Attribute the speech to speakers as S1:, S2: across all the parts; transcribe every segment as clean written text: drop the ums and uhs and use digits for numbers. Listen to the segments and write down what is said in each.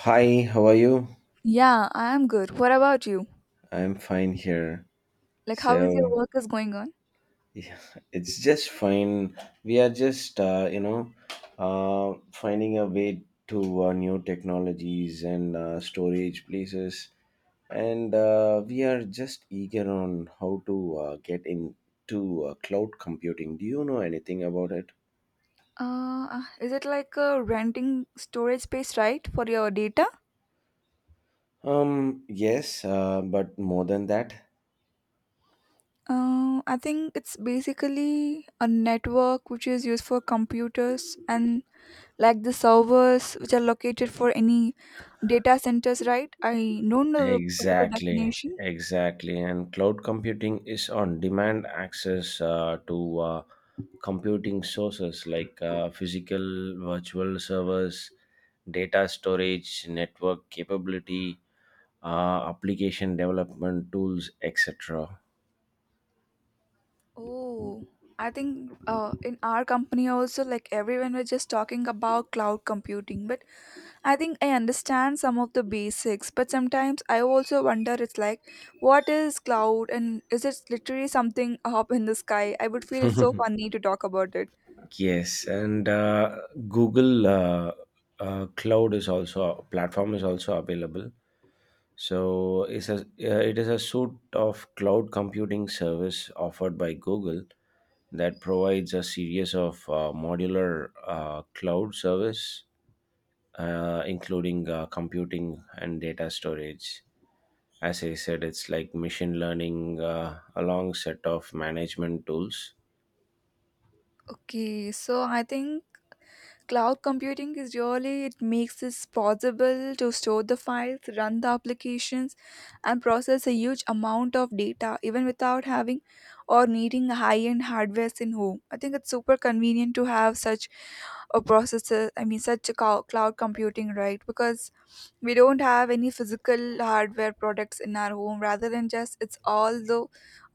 S1: Hi, how are you?
S2: Yeah, I am good. What about you?
S1: I'm fine here.
S2: Like, how is your
S1: So,
S2: work is going on?
S1: yeah, it's just fine. We are just, finding a way to new technologies and storage places, and we are just eager on how to get into cloud computing. Do you know anything about it?
S2: Is it like renting storage space, right, for your data?
S1: Yes, but more than that,
S2: I think it's basically a network which is used for computers and like the servers which are located for any data centers, right? I don't know the particular
S1: exactly,
S2: definition.
S1: exactly. And cloud computing is on demand access to computing sources like physical, virtual servers, data storage, network capability, application development tools, etc.
S2: Oh, I think in our company also, like everyone was just talking about cloud computing, but I think I understand some of the basics, but sometimes I also wonder it's like, what is cloud and is it literally something up in the sky? I would feel it's so funny to talk about it.
S1: Yes, and Google Cloud is also platform is also available. So it is a suite of cloud computing service offered by Google that provides a series of modular cloud service, including computing and data storage. As I said, it's like machine learning, a long set of management tools.
S2: Okay, so I think cloud computing is really, it makes it possible to store the files, run the applications, and process a huge amount of data even without having or needing high end hardware in home. I think it's super convenient to have such a processor, I mean, such a cloud computing, right? Because we don't have any physical hardware products in our home rather than just it's all the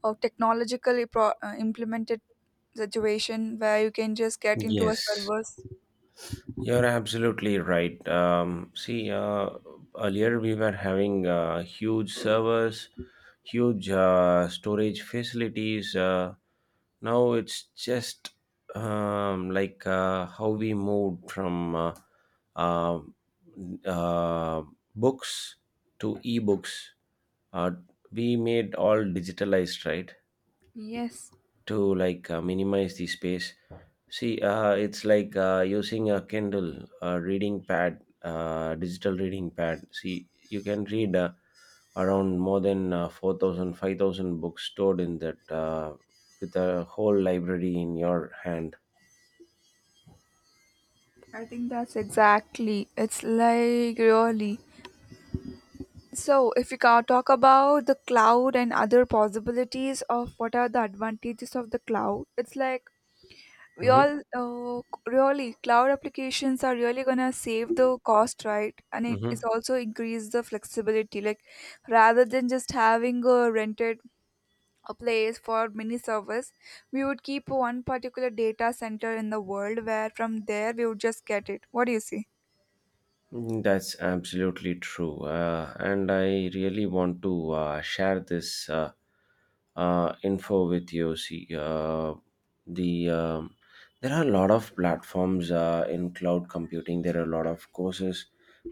S2: technologically implemented situation where you can just get into a
S1: Yes,
S2: servers.
S1: you're absolutely right. See, earlier we were having huge servers, huge storage facilities. Now it's just how we moved from uh, uh, books to ebooks. Uh, we made all digitalized, right?
S2: Yes,
S1: To like minimize the space. See, it's like using a Kindle reading pad, digital reading pad. See, you can read around more than 4,000 books stored in that with a whole library in your hand.
S2: I think that's exactly. It's like really. So, if we talk about the cloud and other possibilities of what are the advantages of the cloud, it's like we
S1: Mm-hmm.
S2: all really cloud applications are really gonna save the cost, right? And
S1: Mm-hmm.
S2: it's also increase the flexibility. Like rather than just having a rented a place for mini servers, we would keep one particular data center in the world where from there we would just get it. What do you say?
S1: Mm, that's absolutely true. And I really want to share this info with you. See, the um, there are a lot of platforms in cloud computing. There are a lot of courses.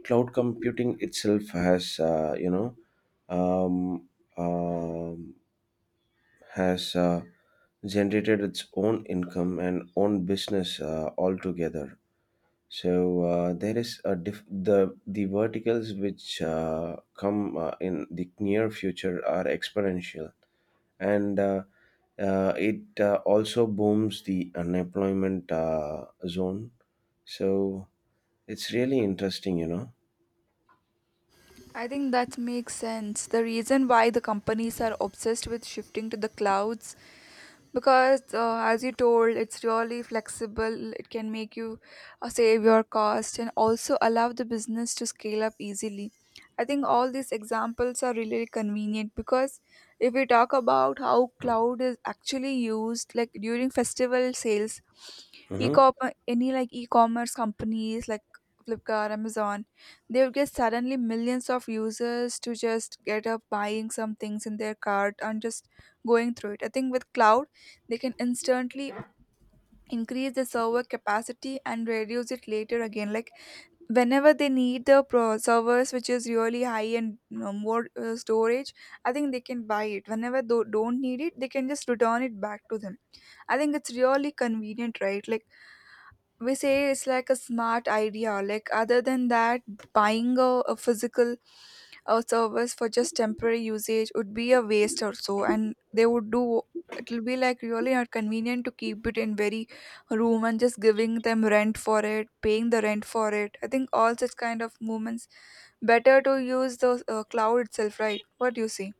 S1: Cloud computing itself um, um has generated its own income and own business altogether, so there is a diff- the verticals which come in the near future are exponential, and it also booms the unemployment zone. So it's really interesting, you know.
S2: I think that makes sense. The reason why the companies are obsessed with shifting to the clouds because as you told it's really flexible it can make you save your cost and also allow the business to scale up easily. I think all these examples are really convenient because if we talk about how cloud is actually used like during festival sales, e
S1: Mm-hmm.
S2: any like e-commerce companies like Flipkart, Amazon, they would get suddenly millions of users to just get up buying some things in their cart and just going through it. I think with cloud, they can instantly increase the server capacity and reduce it later again. Like whenever they need the servers which is really high and more storage, I think they can buy it. Whenever they don't need it, they can just return it back to them. I think it's really convenient, right? Like we say it's like a smart idea like other than that buying a physical service for just temporary usage would be a waste or so and they would do, it'll be like really not convenient to keep it in very room and just giving them rent for it, paying the rent for it. I think all such kind of movements better to use the cloud itself, right? What do you see?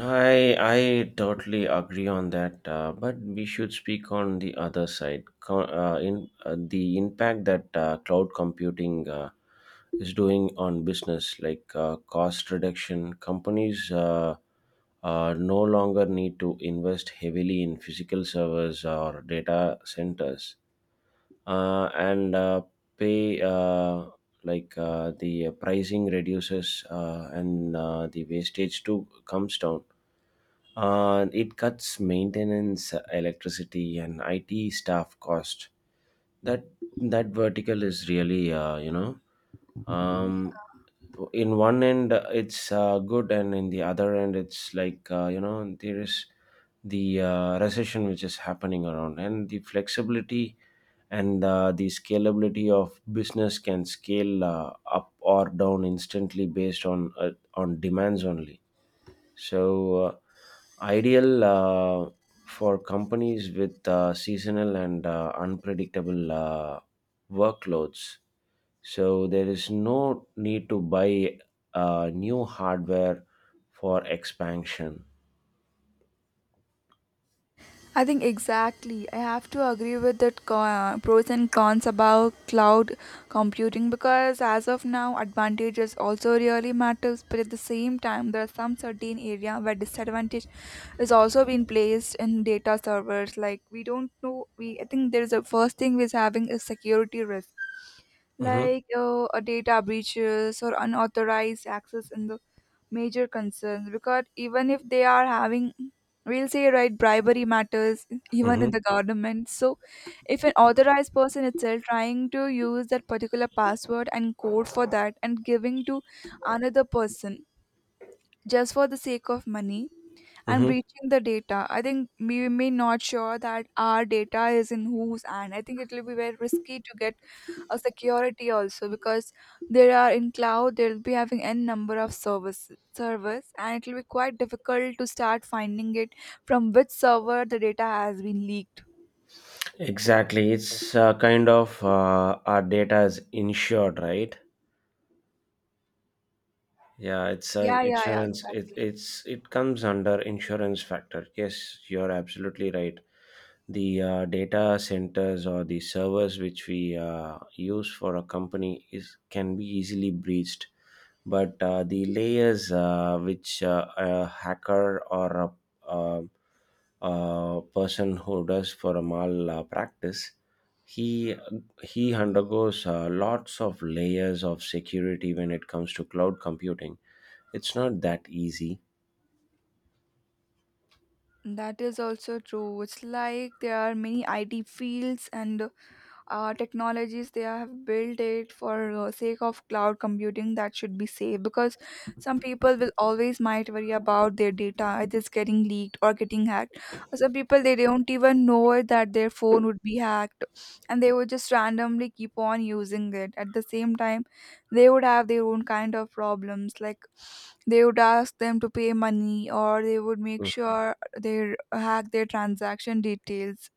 S1: I totally agree on that, but we should speak on the other side. Co- in The impact that cloud computing is doing on business, like cost reduction, companies no longer need to invest heavily in physical servers or data centers and pay the pricing reduces and the wastage too comes down. It cuts maintenance, electricity, and IT staff cost. That that vertical is really um, in one end it's good, and in the other end it's like, you know, there is the recession which is happening around, and the flexibility and the scalability of business can scale up or down instantly based on demands only. So, ideal for companies with seasonal and unpredictable workloads. So, there is no need to buy new hardware for expansion.
S2: I think exactly. I have to agree with that pros and cons about cloud computing because as of now, advantages also really matters. But at the same time, there are some certain area where disadvantage is also being placed in data servers. Like we don't know. We I think there is a first thing we're having is security risk
S1: Mm-hmm.
S2: like a data breaches or unauthorized access in the major concerns because even if they are having, we'll say right bribery matters even
S1: Mm-hmm.
S2: in the government, so if an authorized person itself trying to use that particular password and code for that and giving to another person just for the sake of money and
S1: Mm-hmm.
S2: breaching the data. I think we may not sure that our data is in whose hand. I think it will be very risky to get a security also because there are in cloud they'll be having n number of service and it will be quite difficult to start finding it from which server the data has been leaked.
S1: Exactly. It's kind of our data is insured, right? Yeah, it's an
S2: Yeah, yeah, yeah,
S1: insurance. It
S2: exactly.
S1: it's it comes under insurance factor. Yes, you're absolutely right. The data centers or the servers which we use for a company is can be easily breached. But the layers which a hacker or a, a person who does for a malpractice, he he undergoes lots of layers of security when it comes to cloud computing. It's not that easy.
S2: That is also true. It's like there are many IT fields and technologies they have built it for sake of cloud computing that should be safe because some people will always might worry about their data either it's getting leaked or getting hacked. Some people they don't even know it that their phone would be hacked and they would just randomly keep on using it. At the same time they would have their own kind of problems like they would ask them to pay money or they would make
S1: Mm.
S2: sure they hack their transaction details.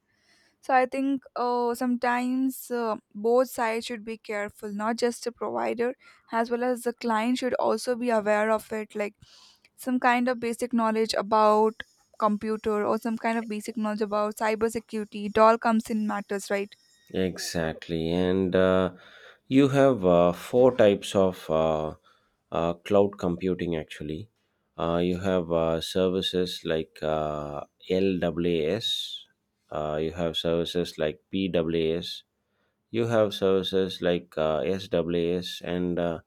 S2: So I think sometimes both sides should be careful, not just the provider, as well as the client should also be aware of it, like some kind of basic knowledge about computer or some kind of basic knowledge about cybersecurity. It all comes in matters, right?
S1: Exactly. And you have four types of cloud computing actually. You have services like LWAS, you have services like PWAS, you have services like SWAS, and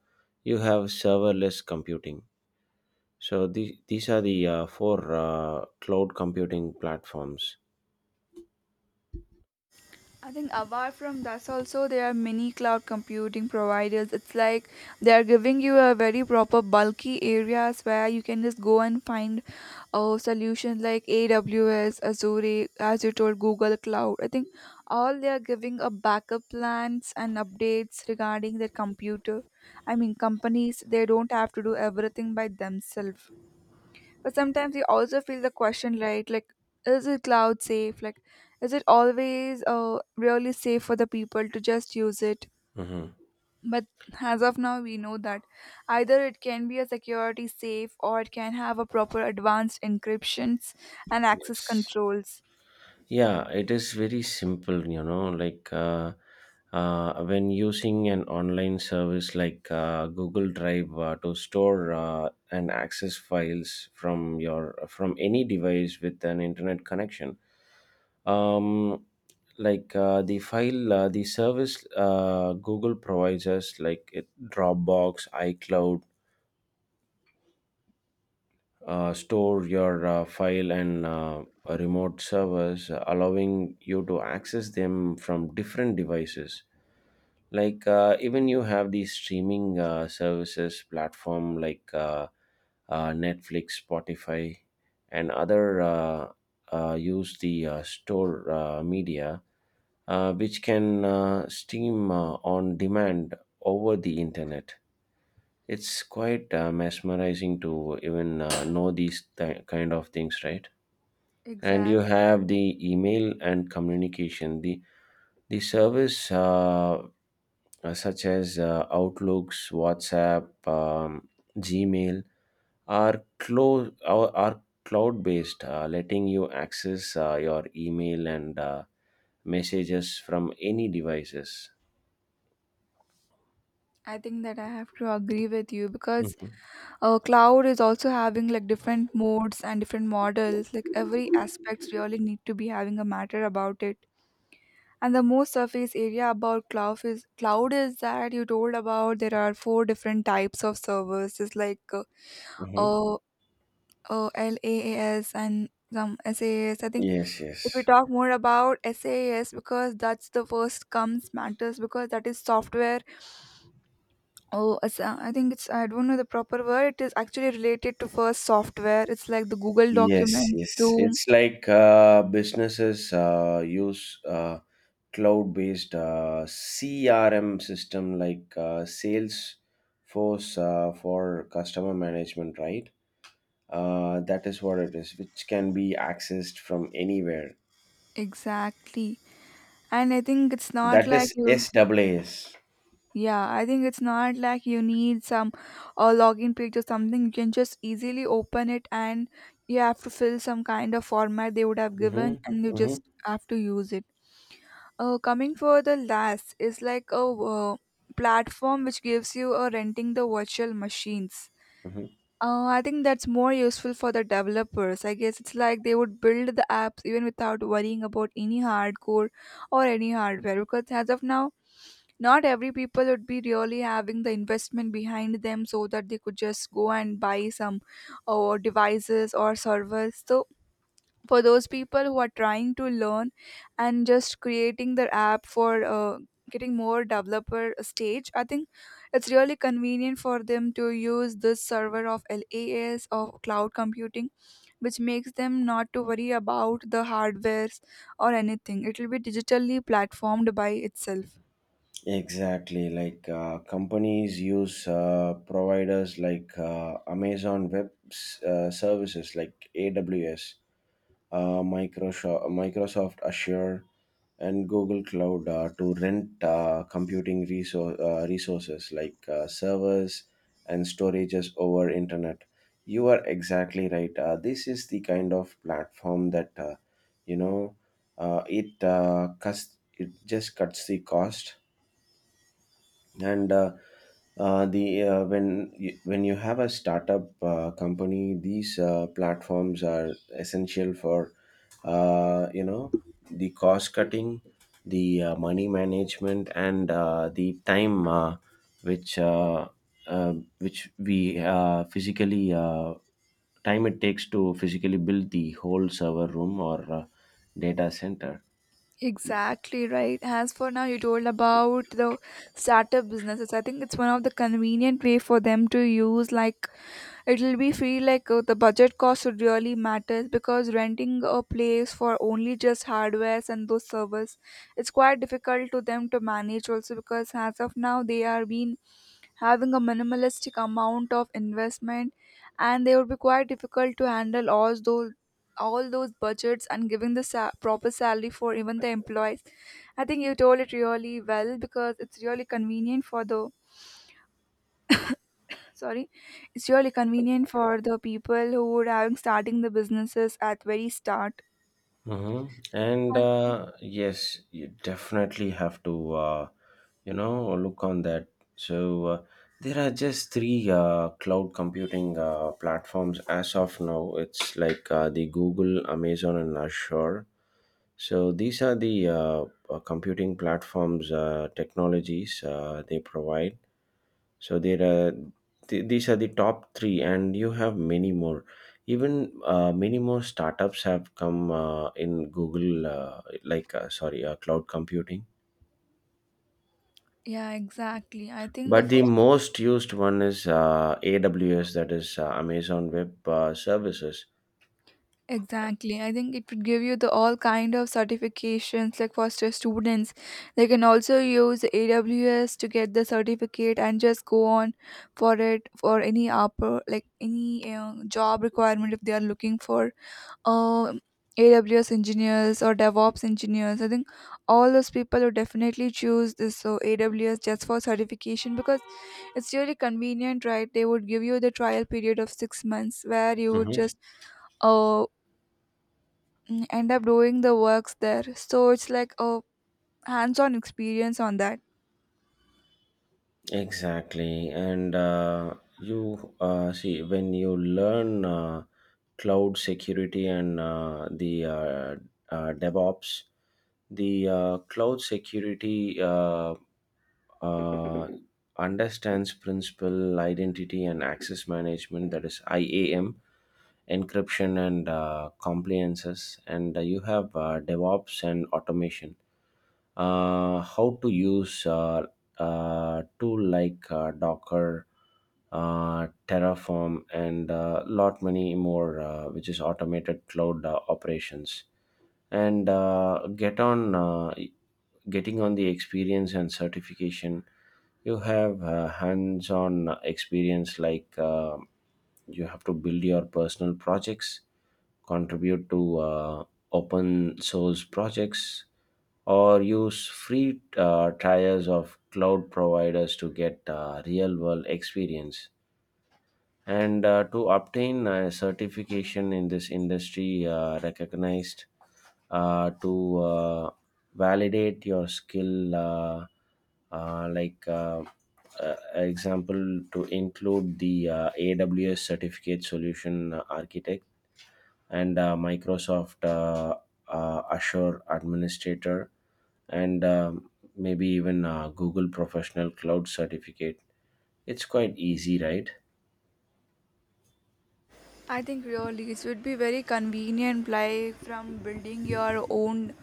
S1: you have serverless computing. So these are the four cloud computing platforms.
S2: I think apart from that also there are many cloud computing providers. It's like they are giving you a very proper bulky areas where you can just go and find solutions like AWS, Azure, as you told Google Cloud. I think all they are giving a backup plans and updates regarding their computer. I mean companies they don't have to do everything by themselves. But sometimes you also feel the question, right? Like, is it cloud safe? Like, is it always really safe for the people to just use it?
S1: Mhm.
S2: But as of now, we know that either it can be a security safe or it can have a proper advanced encryptions and access
S1: Yes.
S2: controls.
S1: Yeah, it is very simple, you know, like when using an online service like Google Drive to store and access files from your from any device with an internet connection. Um, the file, the service Google provides us, like it, Dropbox, iCloud, store your file and remote servers, allowing you to access them from different devices. Like even you have these streaming services platform like Netflix, Spotify, and other use the store media, which can stream on demand over the internet. It's quite mesmerizing to even know these kind of things, right? And you
S2: Exact.
S1: have the email and communication, the service such as Outlooks, WhatsApp, Gmail are cloud based, letting you access your email and messages from any devices.
S2: I think that I have to agree with you because
S1: Hmm.
S2: cloud is also having like different modes and different models. Like every aspects really need to be having a matter about it. And the most surface area about cloud is that you told about there are four different types of servers. It's like
S1: Hmm.
S2: uh, uh, LaaS and some SaaS. I think
S1: Yes,
S2: if we
S1: yes.
S2: talk more about SaaS because that's the first comes matters because that is software. Oh, I think it's, I don't know the proper word. It is actually related to first software. It's like the Google
S1: Yes,
S2: document,
S1: yes.
S2: Zoom,
S1: It's like businesses use cloud-based CRM system like Salesforce for customer management, right? That is what it is, which can be accessed from anywhere.
S2: exactly. And I think it's not
S1: That
S2: like
S1: is
S2: you.
S1: SaaS.
S2: Yeah, I think it's not like you need some login page or something. You can just easily open it and you have to fill some kind of format they would have
S1: Mm-hmm.
S2: given and you
S1: Mm-hmm.
S2: just have to use it. Coming for the last is like a platform which gives you a renting the virtual machines.
S1: Mm-hmm.
S2: I think that's more useful for the developers. I guess it's like they would build the apps even without worrying about any hardcore or any hardware because as of now not every people would be really having the investment behind them so that they could just go and buy some or devices or servers. So for those people who are trying to learn and just creating their app for getting more developer stage, I think it's really convenient for them to use this server of LAS of cloud computing which makes them not to worry about the hardwares or anything. It will be digitally platformed by itself.
S1: Exactly. Like companies use providers like Amazon Web Services, like AWS. Microsoft Azure, and Google Cloud to rent computing resources like servers and storages over internet. You are exactly right. This is the kind of platform that you know it just cuts the cost, and the when you have a startup company, these platforms are essential for, you know, the cost cutting, the money management, and the time which uh, uh, which we physically time it takes to physically build the whole server room or data center.
S2: Exactly right. As for now, you told about the startup businesses. I think it's one of the convenient way for them to use. Like it'll be free. Like the budget cost would really matters because renting a place for only just hardwares and those servers, it's quite difficult to them to manage. Also because as of now they are being having a minimalistic amount of investment and they would be quite difficult to handle all those budgets and giving the proper salary for even the employees. I think you told it really well because it's really convenient for the, sorry, it's really convenient for the people who would having starting the businesses at very start.
S1: Hmm. And
S2: And-
S1: yes, you definitely have to, look on that. So there are just three cloud computing platforms as of now. It's like the Google, Amazon, and Azure. So these are the computing platforms, technologies they provide, so there are these are the top three, and you have many more. Even many more startups have come in cloud computing.
S2: yeah exactly, I think the
S1: But the most used one is AWS, that is Amazon Web Services.
S2: Exactly. I think it would give you the all kind of certifications like for students. They can also use AWS to get the certificate and just go on for it for any upper like any job requirement if they are looking for um AWS engineers or DevOps engineers. I think all those people would definitely choose this so AWS just for certification because it's really convenient, right? They would give you the trial period of 6 months where you would
S1: Mhm.
S2: just uh, end up doing the works there. So it's like a hands-on experience on that.
S1: Exactly. And you see, when you learn cloud security and the DevOps, the cloud security uh, understands principal identity and access management, that is IAM, encryption and compliances. And you have DevOps and automation, how to use tool like Docker, Terraform, and a lot many more, which is automated cloud operations. And getting on the experience and certification. You have hands-on experience, like you have to build your personal projects, contribute to open source projects, or use free trials of cloud providers to get real world experience. And to obtain a certification in this industry recognized to validate your skill, like example, to include the AWS certificate solution architect and Microsoft Azure Administrator, and maybe even Google Professional Cloud Certificate. It's quite easy, right?
S2: I think really it would be very convenient, like from building your own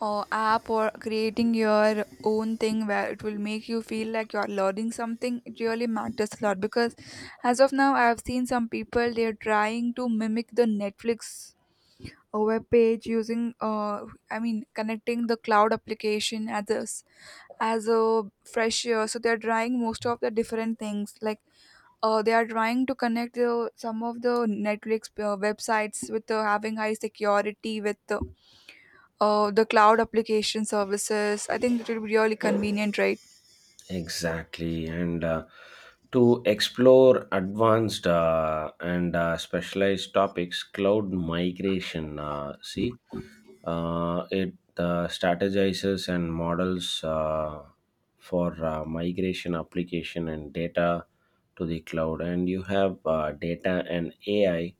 S2: app or creating your own thing where it will make you feel like you're learning something. It really matters a lot because as of now, I've seen some people they're trying to mimic the Netflix web page using connecting the cloud application at the as a fresh year, so they're trying most of the different things like they are trying to connect the, some of the Netflix websites with having high security with the cloud application services. I think it will be really convenient, right?
S1: Exactly, and to explore advanced and specialized topics, cloud migration. See, it strategizes and models for migration application and data to the cloud, and you have data and AI.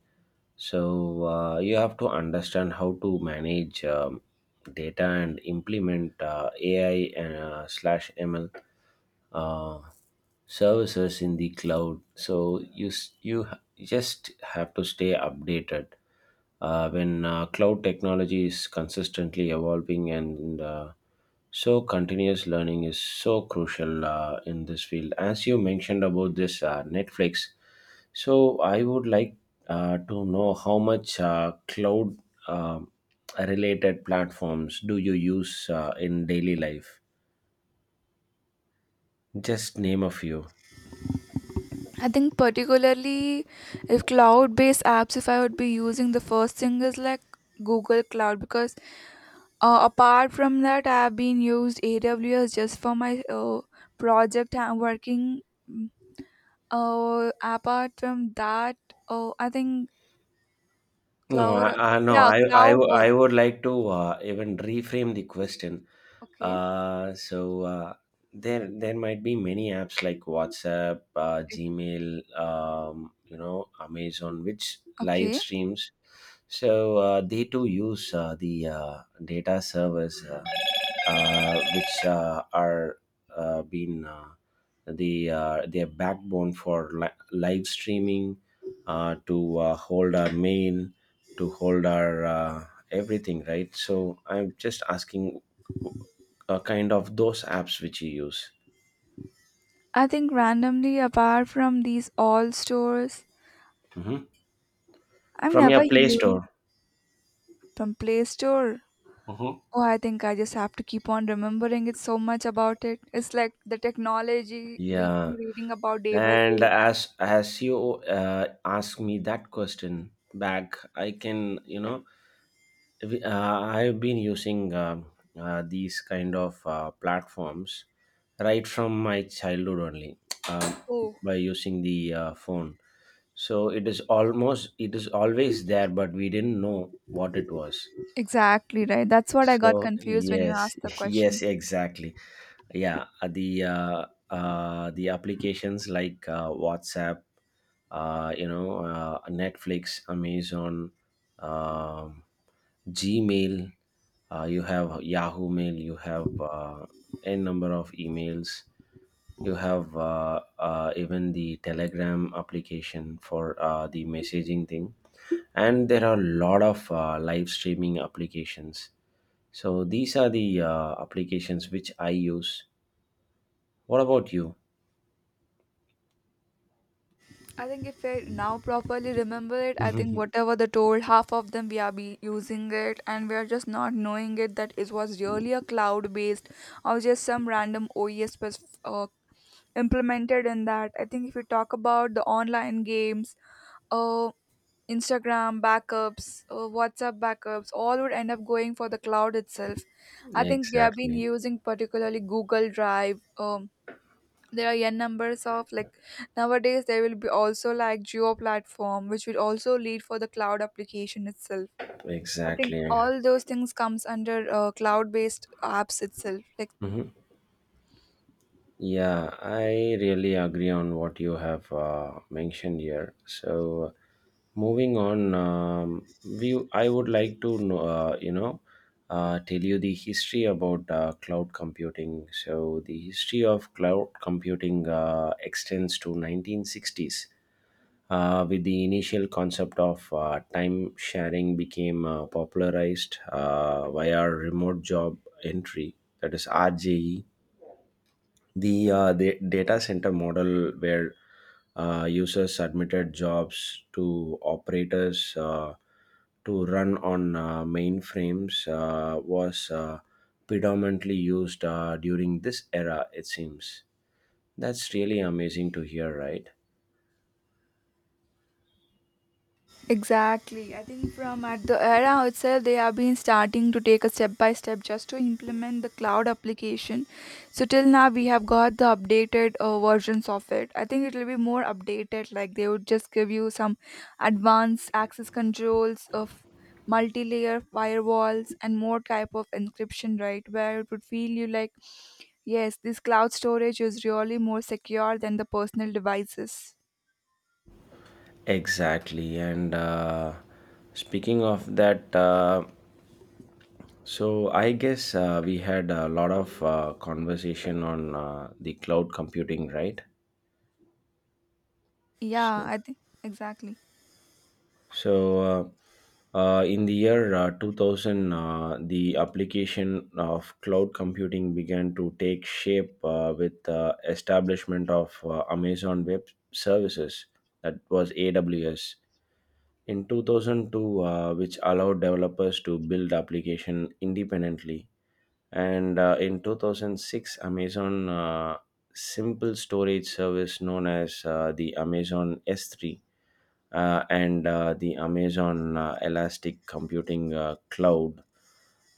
S1: So you have to understand how to manage data and implement AI and slash ML uh, services in the cloud. So you just have to stay updated when cloud technology is consistently evolving, and so continuous learning is so crucial in this field. As you mentioned about this Netflix, so I would like to know how much cloud um related platforms do you use in daily life, just name a few.
S2: I think particularly if cloud based apps, if I would be using, the first thing is like Google Cloud because apart from that I have been used AWS just for my project I'm working. Oh, apart from that, oh, I think
S1: No,
S2: cloud.
S1: I no,
S2: Yeah, cloud watch.
S1: I would like to even reframe the question.
S2: Okay.
S1: So there, there might be many apps like WhatsApp, Gmail, you know, Amazon, which live
S2: Okay.
S1: streams. So they too use the data servers, which are being the their backbone for live streaming to hold our mail, to hold our everything, right? So I'm just asking uh, kind of those apps which you use.
S2: I think randomly, apart from these all stores,
S1: Hmm.
S2: I've
S1: From
S2: never
S1: your Play
S2: used
S1: Store.
S2: from Play Store.
S1: Mm-hmm.
S2: Oh, I think I just have to keep on remembering it so much about it. It's like the technology we'll
S1: Yeah,
S2: be reading about day by
S1: and
S2: day.
S1: as you ask me that question back, I can, you know, I've been using these kind of platforms right from my childhood only,
S2: Oh,
S1: by using the phone. So it is almost it is always there, but we didn't know what it was.
S2: exactly right. That's what I
S1: So
S2: got confused when you
S1: yes,
S2: asked the
S1: yes,
S2: question.
S1: exactly. Yeah, the applications like WhatsApp, Netflix, Amazon, um, Gmail. You have Yahoo Mail. You have n number of emails. You have even the Telegram application for the messaging thing, and there are a lot of live streaming applications. So these are the applications which I use. What about you?
S2: I think if I now properly remember it, I think whatever they told, half of them we are be using it and we are just not knowing it that it was really a cloud based or just some random OES was implemented in that. I think if you talk about the online games, uh, Instagram backups, WhatsApp backups, all would end up going for the cloud itself. I think we have been
S1: Exactly,
S2: using particularly Google Drive. There are n numbers of like nowadays there will be also like geo platform which will also lead for the cloud application itself. I think
S1: exactly.
S2: all those things comes under cloud based apps itself like
S1: Mhm. Yeah, I really agree on what you have mentioned here. So, moving on, we I would like to know, tell you the history about cloud computing. So, the history of cloud computing extends to 1960s, with the initial concept of time sharing became popularized via remote job entry, that is RJE, the data center model where users submitted jobs to operators to run on mainframes was predominantly used during this era, it seems. That's really amazing to hear, right?
S2: exactly. I think from at the era itself, they have been starting to take a step by step just to implement the cloud application. So till now, we have got the updated versions of it. I think it will be more updated. Like they would just give you some advanced access controls of multi-layer firewalls and more type of encryption, right? Where it would feel you like, yes, this cloud storage is really more secure than the personal devices.
S1: Exactly. And speaking of that, so I guess we had a lot of conversation on the cloud computing, right? So
S2: Yeah, I think exactly.
S1: So, uh, in the year 2000, the application of cloud computing began to take shape with the establishment of Amazon Web Services, that was AWS, in 2002, which allowed developers to build application independently. And in 2006, Amazon Simple Storage Service, known as the Amazon S3, and the Amazon Elastic Computing Cloud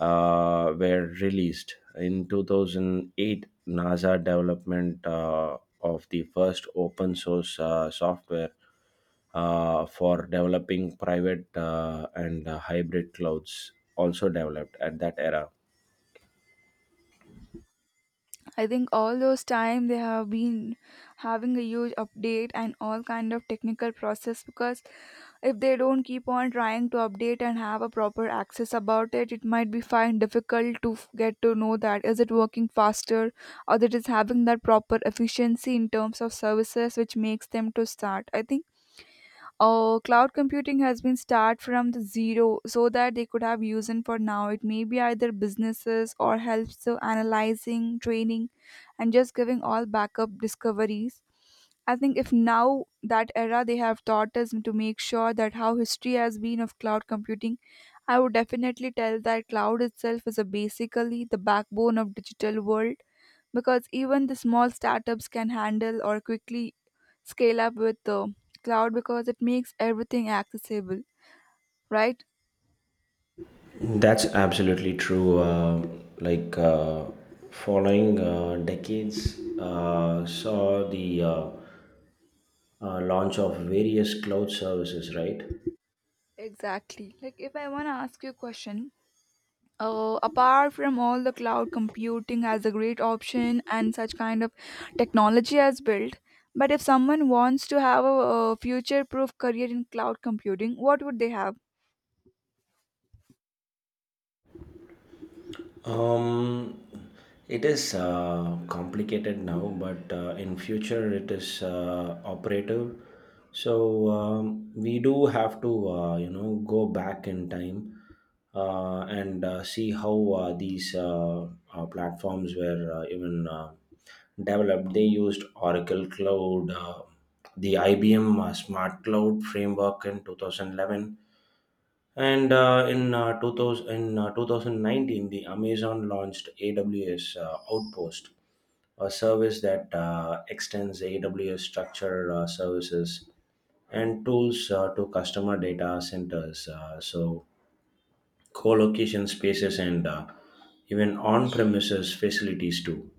S1: were released. In 2008, NASA development of the first open source software for developing private and hybrid clouds also developed at that era.
S2: I think all those time they have been having a huge update and all kind of technical process because if they don't keep on trying to update and have a proper access about it, it might be find difficult to f- get to know that is it working faster or that is having that proper efficiency in terms of services which makes them to start. I think oh, cloud computing has been start from the zero so that they could have used it for now. It may be either businesses or helps to analyzing, training, and just giving all backup discoveries. I think if now that era they have taught us to make sure that how history has been of cloud computing, I would definitely tell that cloud itself is a basically the backbone of digital world because even the small startups can handle or quickly scale up with the cloud because it makes everything accessible, right?
S1: That's absolutely true. Like following decades saw the launch of various cloud services, right?
S2: Exactly, like if I want to ask you a question, apart from all the cloud computing as a great option and such kind of technology as built, but if someone wants to have a future proof career in cloud computing, what would they have?
S1: Um, it is complicated now, but in future it is operative. So we do have to, go back in time and see how these platforms were even developed. They used Oracle Cloud, the IBM Smart Cloud framework in 2011. In 2019, the Amazon launched AWS Outpost, a service that extends AWS structured services and tools to customer data centers. So, co-location spaces and even on-premises facilities too.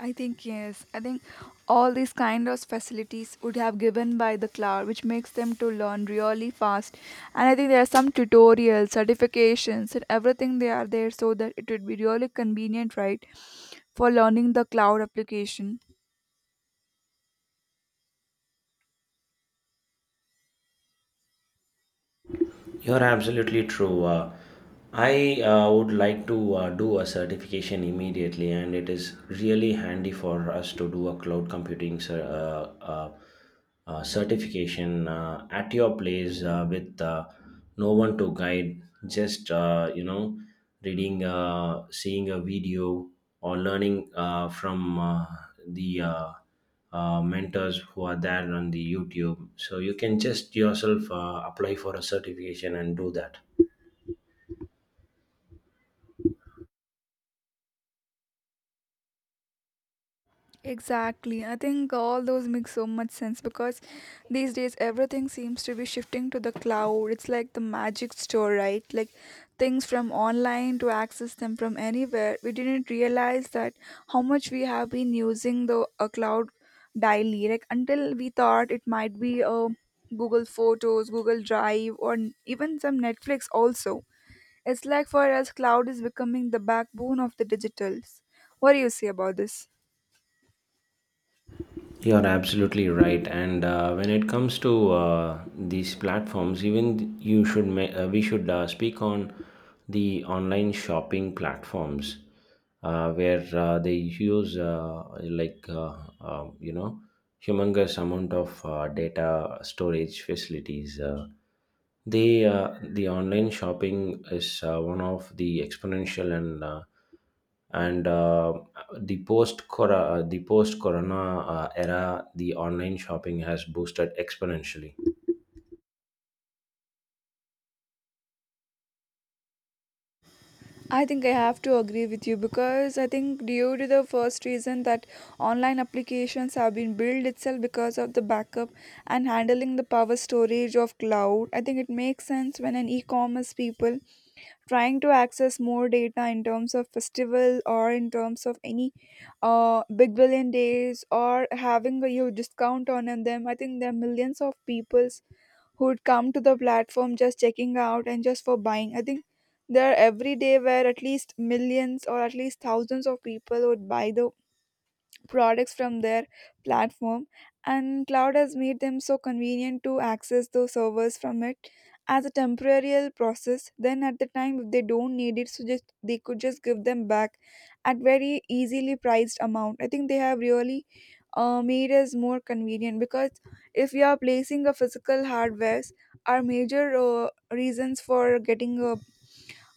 S2: I think yes. I think all these kind of facilities would have given by the cloud, which makes them to learn really fast. And I think there are some tutorials, certifications, and everything they are there so that it would be really convenient, right, for learning the cloud application.
S1: You're absolutely true. I would like to do a certification immediately, and it is really handy for us to do a cloud computing certification at your place with no one to guide. Just reading, seeing a video, or learning from the mentors who are there on the YouTube. So you can just yourself apply for a certification and do that.
S2: Exactly. I think all those make so much sense because these days everything seems to be shifting to the cloud. It's like the magic store, right? Like things from online to access them from anywhere. We didn't realize that how much we have been using the a cloud daily. Like until we thought it might be a Google Photos, Google Drive, or n- even some Netflix also. It's like for us, cloud is becoming the backbone of the digitals. What do you say about this?
S1: You're absolutely right. And when it comes to these platforms, even we should speak on the online shopping platforms where they use like you know humongous amount of data storage facilities. The online shopping is one of the exponential and, the post corona era, the online shopping has boosted exponentially.
S2: I think I have to agree with you because I think due to the first reason that online applications have been built itself because of the backup and handling the power storage of cloud. I think it makes sense when an e-commerce people trying to access more data in terms of festival or in terms of any big billion days or having a huge discount on them. I think there are millions of people who'd come to the platform just checking out and just for buying. I think there are every day where at least millions or at least thousands of people would buy the products from their platform, and cloud has made them so convenient to access those servers from it as a temporary process. Then, at the time, if they don't need it, so just they could just give them back at very easily priced amount. I think they have really made us more convenient because if you are placing a physical hardwares, our major reasons for getting a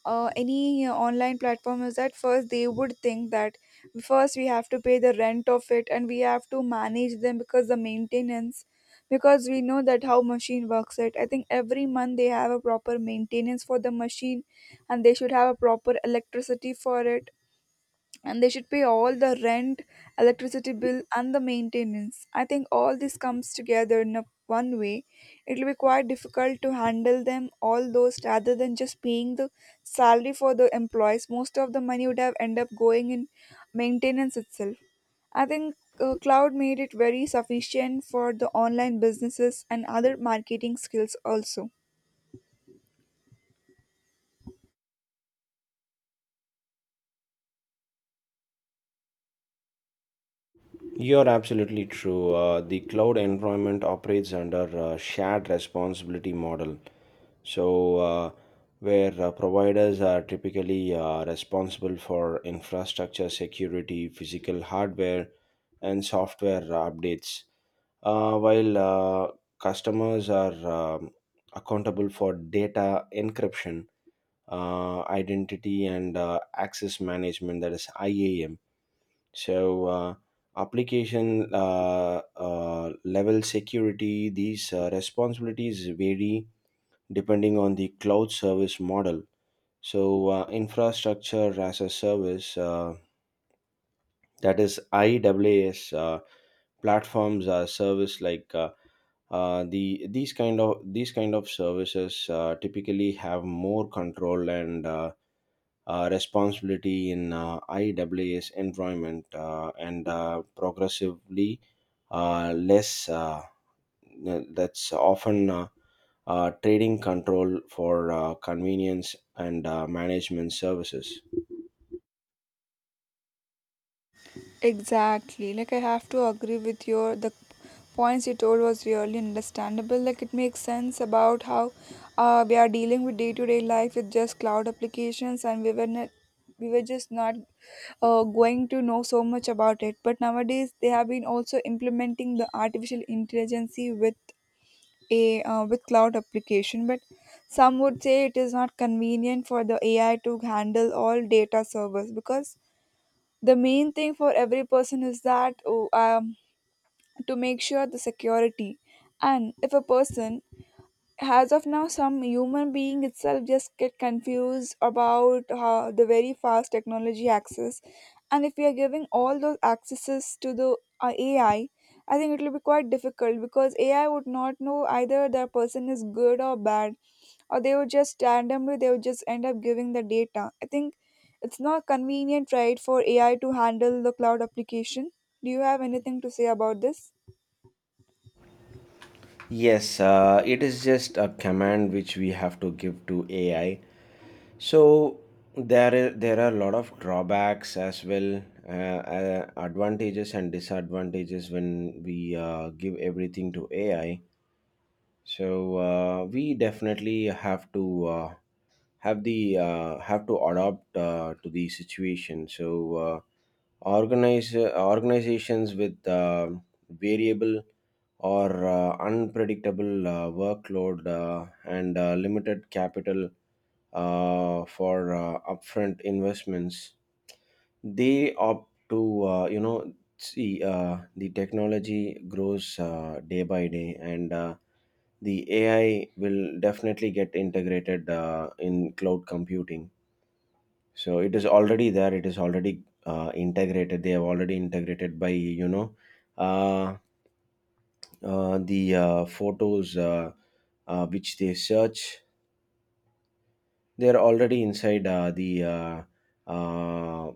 S2: any online platform is that first they would think that first we have to pay the rent of it and we have to manage them because the maintenance, because we know that how machine works it. I think every month they have a proper maintenance for the machine and they should have a proper electricity for it and they should pay all the rent, electricity bill, and the maintenance. I think all this comes together in a one way. It will be quite difficult to handle them all those rather than just paying the salary for the employees. Most of the money would have end up going in maintenance itself. I think cloud made it very sufficient for the online businesses and other marketing skills also.
S1: You're absolutely true. The cloud environment operates under a shared responsibility model. So, where providers are typically responsible for infrastructure security, physical hardware, and software updates, while customers are um, accountable for data encryption, identity, and access management, that is IAM. So, application level security, these responsibilities vary depending on the cloud service model. So, infrastructure as a service, that is IaaS, platforms service like these kind of services typically have more control and responsibility in IaaS environment, and progressively less. That's often trading control for convenience and management services.
S2: Exactly. Like I have to agree with your the points you told was really understandable. Like it makes sense about how we are dealing with day to day life with just cloud applications, and we were just not going to know so much about it. But nowadays they have been also implementing the artificial intelligence with a with cloud application. But some would say it is not convenient for the AI to handle all data servers because the main thing for every person is that oh, to make sure the security, and if a person as of now some human being itself just get confused about how the very fast technology access, and if we are giving all those accesses to the AI, I think it will be quite difficult because AI would not know either the person is good or bad, or they would just randomly they would just end up giving the data. I think it's not convenient, right, for AI to handle the cloud application. Do you have anything to say about this?
S1: Yes, it is just a command which we have to give to AI. So there are a lot of drawbacks as well, advantages and disadvantages when we give everything to AI. So we definitely have to have to adapt to the situation. So organize organizations with variable or unpredictable workload and limited capital for upfront investments, they opt to, see the technology grows day by day, and the AI will definitely get integrated in cloud computing. So it is already there. It is already integrated. They have already integrated by, you know uh, the photos which they search. They are already inside uh,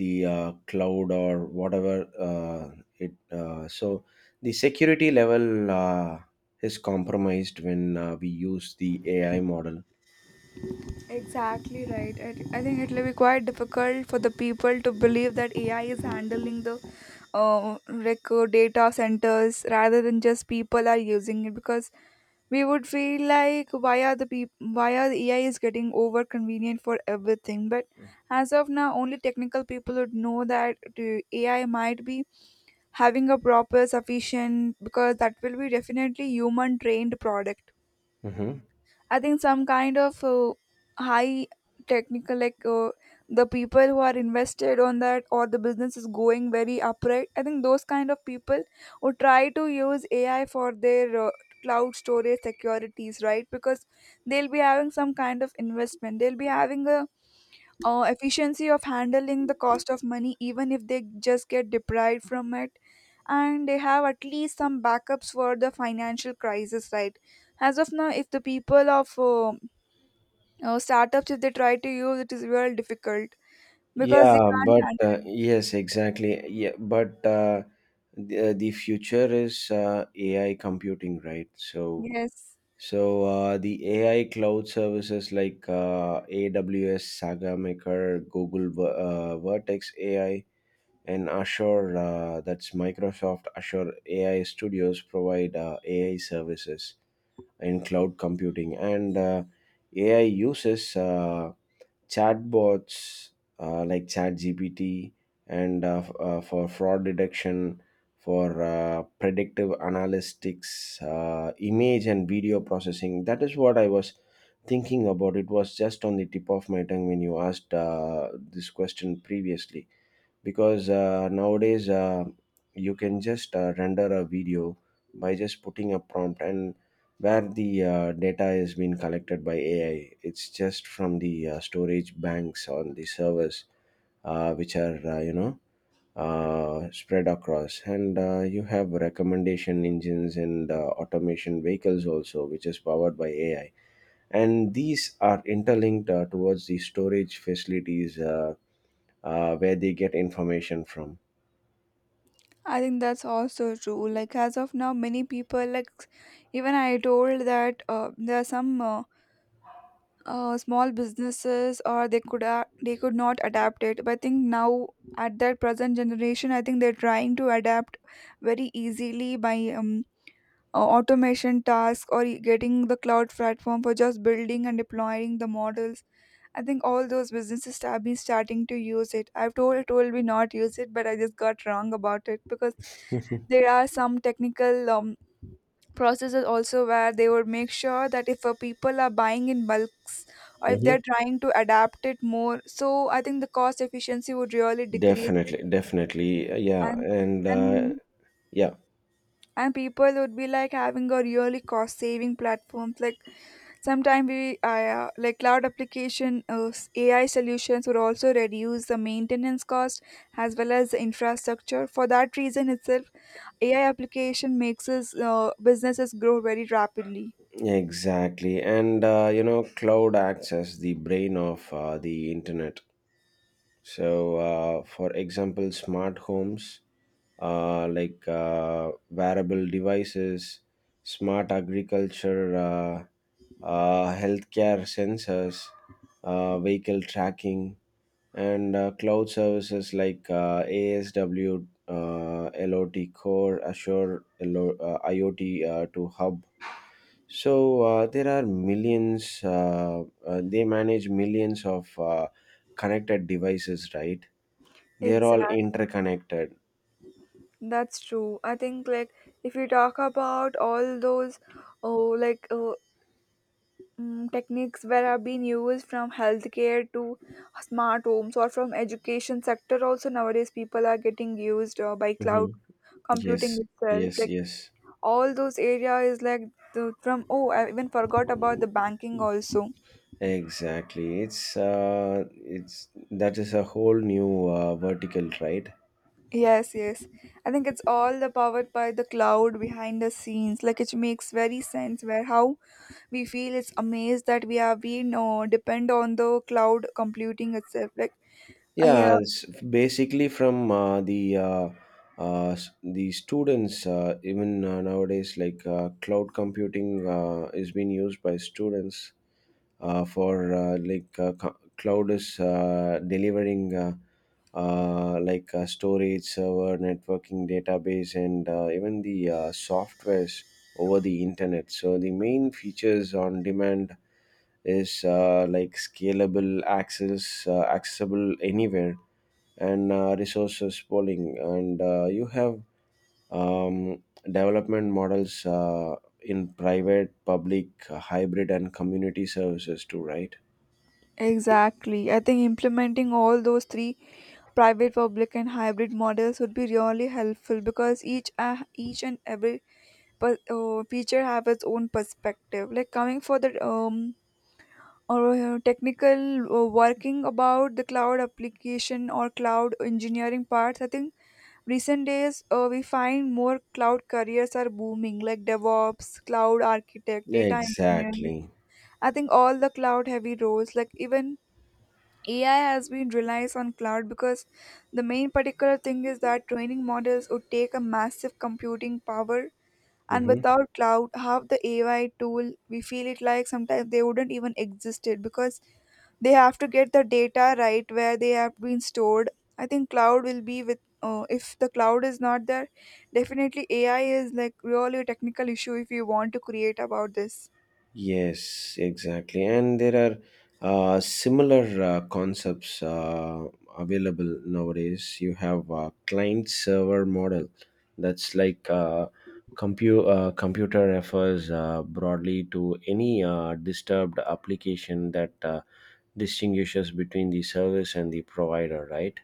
S1: the cloud or whatever it. So the security level is compromised when we use the AI model.
S2: Exactly right. I think it will be quite difficult for the people to believe that AI is handling the record data centers rather than just people are using it because we would feel like why are the peop- why are the AI is getting over convenient for everything. But as of now, only technical people would know that the AI might be having a proper sufficient because that will be definitely human trained product.
S1: Hmm.
S2: I think some kind of high technical, like the people who are invested on that or the business is going very upright. I think those kind of people who try to use AI for their cloud storage securities, right? Because they'll be having some kind of investment. They'll be having a efficiency of handling the cost of money even if they just get deprived from it, and they have at least some backups for the financial crisis, right? As of now, if the people of startups, if they try to use it, is very difficult because they
S1: Yeah, but
S2: can't
S1: yes, exactly. Yeah, but the future is AI computing, right? So,
S2: handle. Yes,
S1: The AI cloud services like AWS, Saga Maker, Google Vertex AI, and Azure, that's Microsoft Azure AI Studios, provide AI services in cloud computing. And AI uses chatbots like ChatGPT and for fraud detection, for predictive analytics, image and video processing. That is what I was thinking about. It was just on the tip of my tongue when you asked this question previously, because nowadays you can just render a video by just putting a prompt, and where the data has been collected by AI, it's just from the storage banks on the servers which are, spread across, and you have recommendation engines and automation vehicles also, which is powered by AI, and these are interlinked towards the storage facilities, where they get information from.
S2: I think that's also true. Like as of now many people like, even I told that there are some small businesses or they could not adapt it, but I think now at their present generation I think they're trying to adapt very easily by automation task or e- getting the cloud platform for just building and deploying the models. I think all those businesses have been starting to use it. I've told we not use it, but I just got wrong about it because there are some technical processes also where they would make sure that if people are buying in bulks, or if they're
S1: Mm-hmm.
S2: trying to adapt it more, so I think the cost efficiency would really decrease it.
S1: Definitely, definitely. Yeah,
S2: and
S1: and
S2: and
S1: yeah,
S2: and people would be like having a really cost saving platforms like sometimes we like cloud application ai solutions would also reduce the maintenance cost as well as the infrastructure for that reason itself. Ai application makes us businesses grow very rapidly.
S1: exactly. And, cloud acts as the brain of the internet. So, for example, smart homes, wearable devices, smart agriculture, healthcare sensors, vehicle tracking, and cloud services like ASW, LOT Core, Azure, LO, IoT to Hub. So there are millions. They manage millions of connected devices, right? They're all
S2: Exact.
S1: interconnected.
S2: That's true. I think like if you talk about all those, oh, like uh, techniques where are being used from healthcare to smart homes, or from education sector also nowadays people are getting used by cloud
S1: Hmm. Yes,
S2: computing itself
S1: yes,
S2: like
S1: yes.
S2: all those area is like from oh, I even forgot about the banking also.
S1: Exactly. It's that is a whole new vertical, right?
S2: Yes, yes, I think it's all the powered by the cloud behind the scenes like it makes very sense where how we feel it's amazed that we are we know depend on the cloud computing itself like
S1: Yeah,
S2: yeah.
S1: it's basically from the students, even nowadays, like cloud computing is being used by students for, cloud is delivering storage, server, networking, database, and even the softwares over the internet. So the main features on demand is, like scalable, accessible anywhere, and resources pooling. And you have um, development models in private, public, hybrid, and community services too, right?
S2: Exactly. I think implementing all those three, private, public, and hybrid models would be really helpful because each and every feature have its own perspective. Like coming for the or technical working about the cloud application or cloud engineering parts. I think recent days we find more cloud careers are booming like devops, cloud architect, data engineer.
S1: Exactly.
S2: I think all the cloud heavy roles like even AI has been relies on cloud because the main particular thing is that training models would take a massive computing power, and
S1: Mhm.
S2: without cloud half the AI tool we feel it like sometimes they wouldn't even existed because they have to get the data right where they have been stored. I think cloud will be with if the cloud is not there, definitely ai is like really a technical issue if you want to create about this.
S1: Yes, exactly. And there are similar concepts available nowadays. You have a client server model. That's like computer refers broadly to any disturbed application that distinguishes between the service and the provider, right?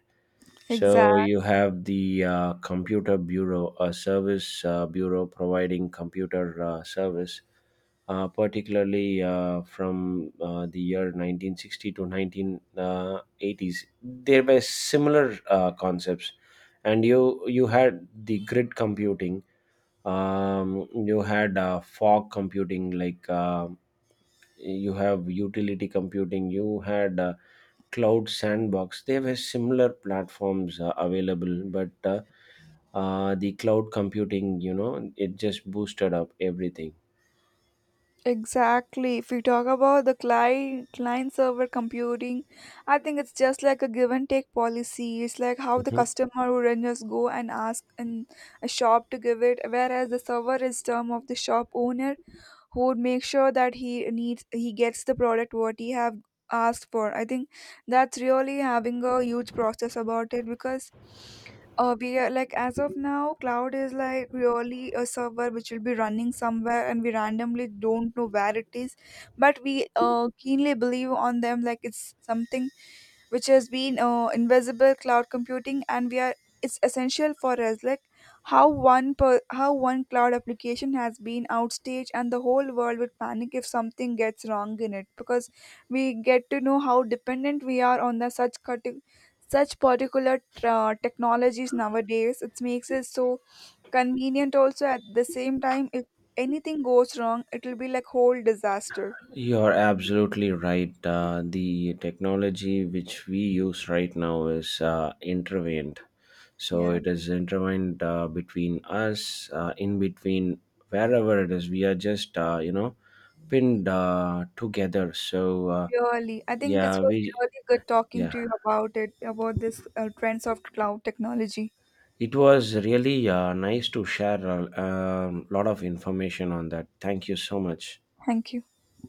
S1: So
S2: Exactly.
S1: you have the computer bureau, a service bureau providing computer service, particularly from the year 1960 to 1980s. There were similar concepts, and you had the grid computing. You had fog computing, like, you have utility computing, you had cloud sandbox. They were similar platforms available, but the cloud computing, you know, it just boosted up everything.
S2: Exactly. If we talk about the client server computing, I think it's just like a give and take policy. It's like how the
S1: Mhm.
S2: customer would just go and ask in a shop to give it, whereas the server is term of the shop owner who would make sure that he gets the product what he have asked for. I think that's really having a huge process about it because we are like as of now cloud is like really a server which will be running somewhere and we randomly don't know where it is, but we keenly believe on them like it's something which has been invisible cloud computing, and we are it's essential for us like how how one cloud application has been outstaged and the whole world would panic if something gets wrong in it, because we get to know how dependent we are on the such particular technologies nowadays. It makes it so convenient also at the same time if anything goes wrong it will be like whole disaster.
S1: You're absolutely right. The technology which we use right now is intervened. So
S2: Yeah,
S1: it is intervened between us, in between wherever it is. We are just, pinned together. So
S2: really, I think it
S1: yeah,
S2: was
S1: we—
S2: really good talking
S1: Yeah,
S2: to you about it, about this trends of cloud technology.
S1: it was really nice to share a lot of information on that. Thank you so much.
S2: Thank you.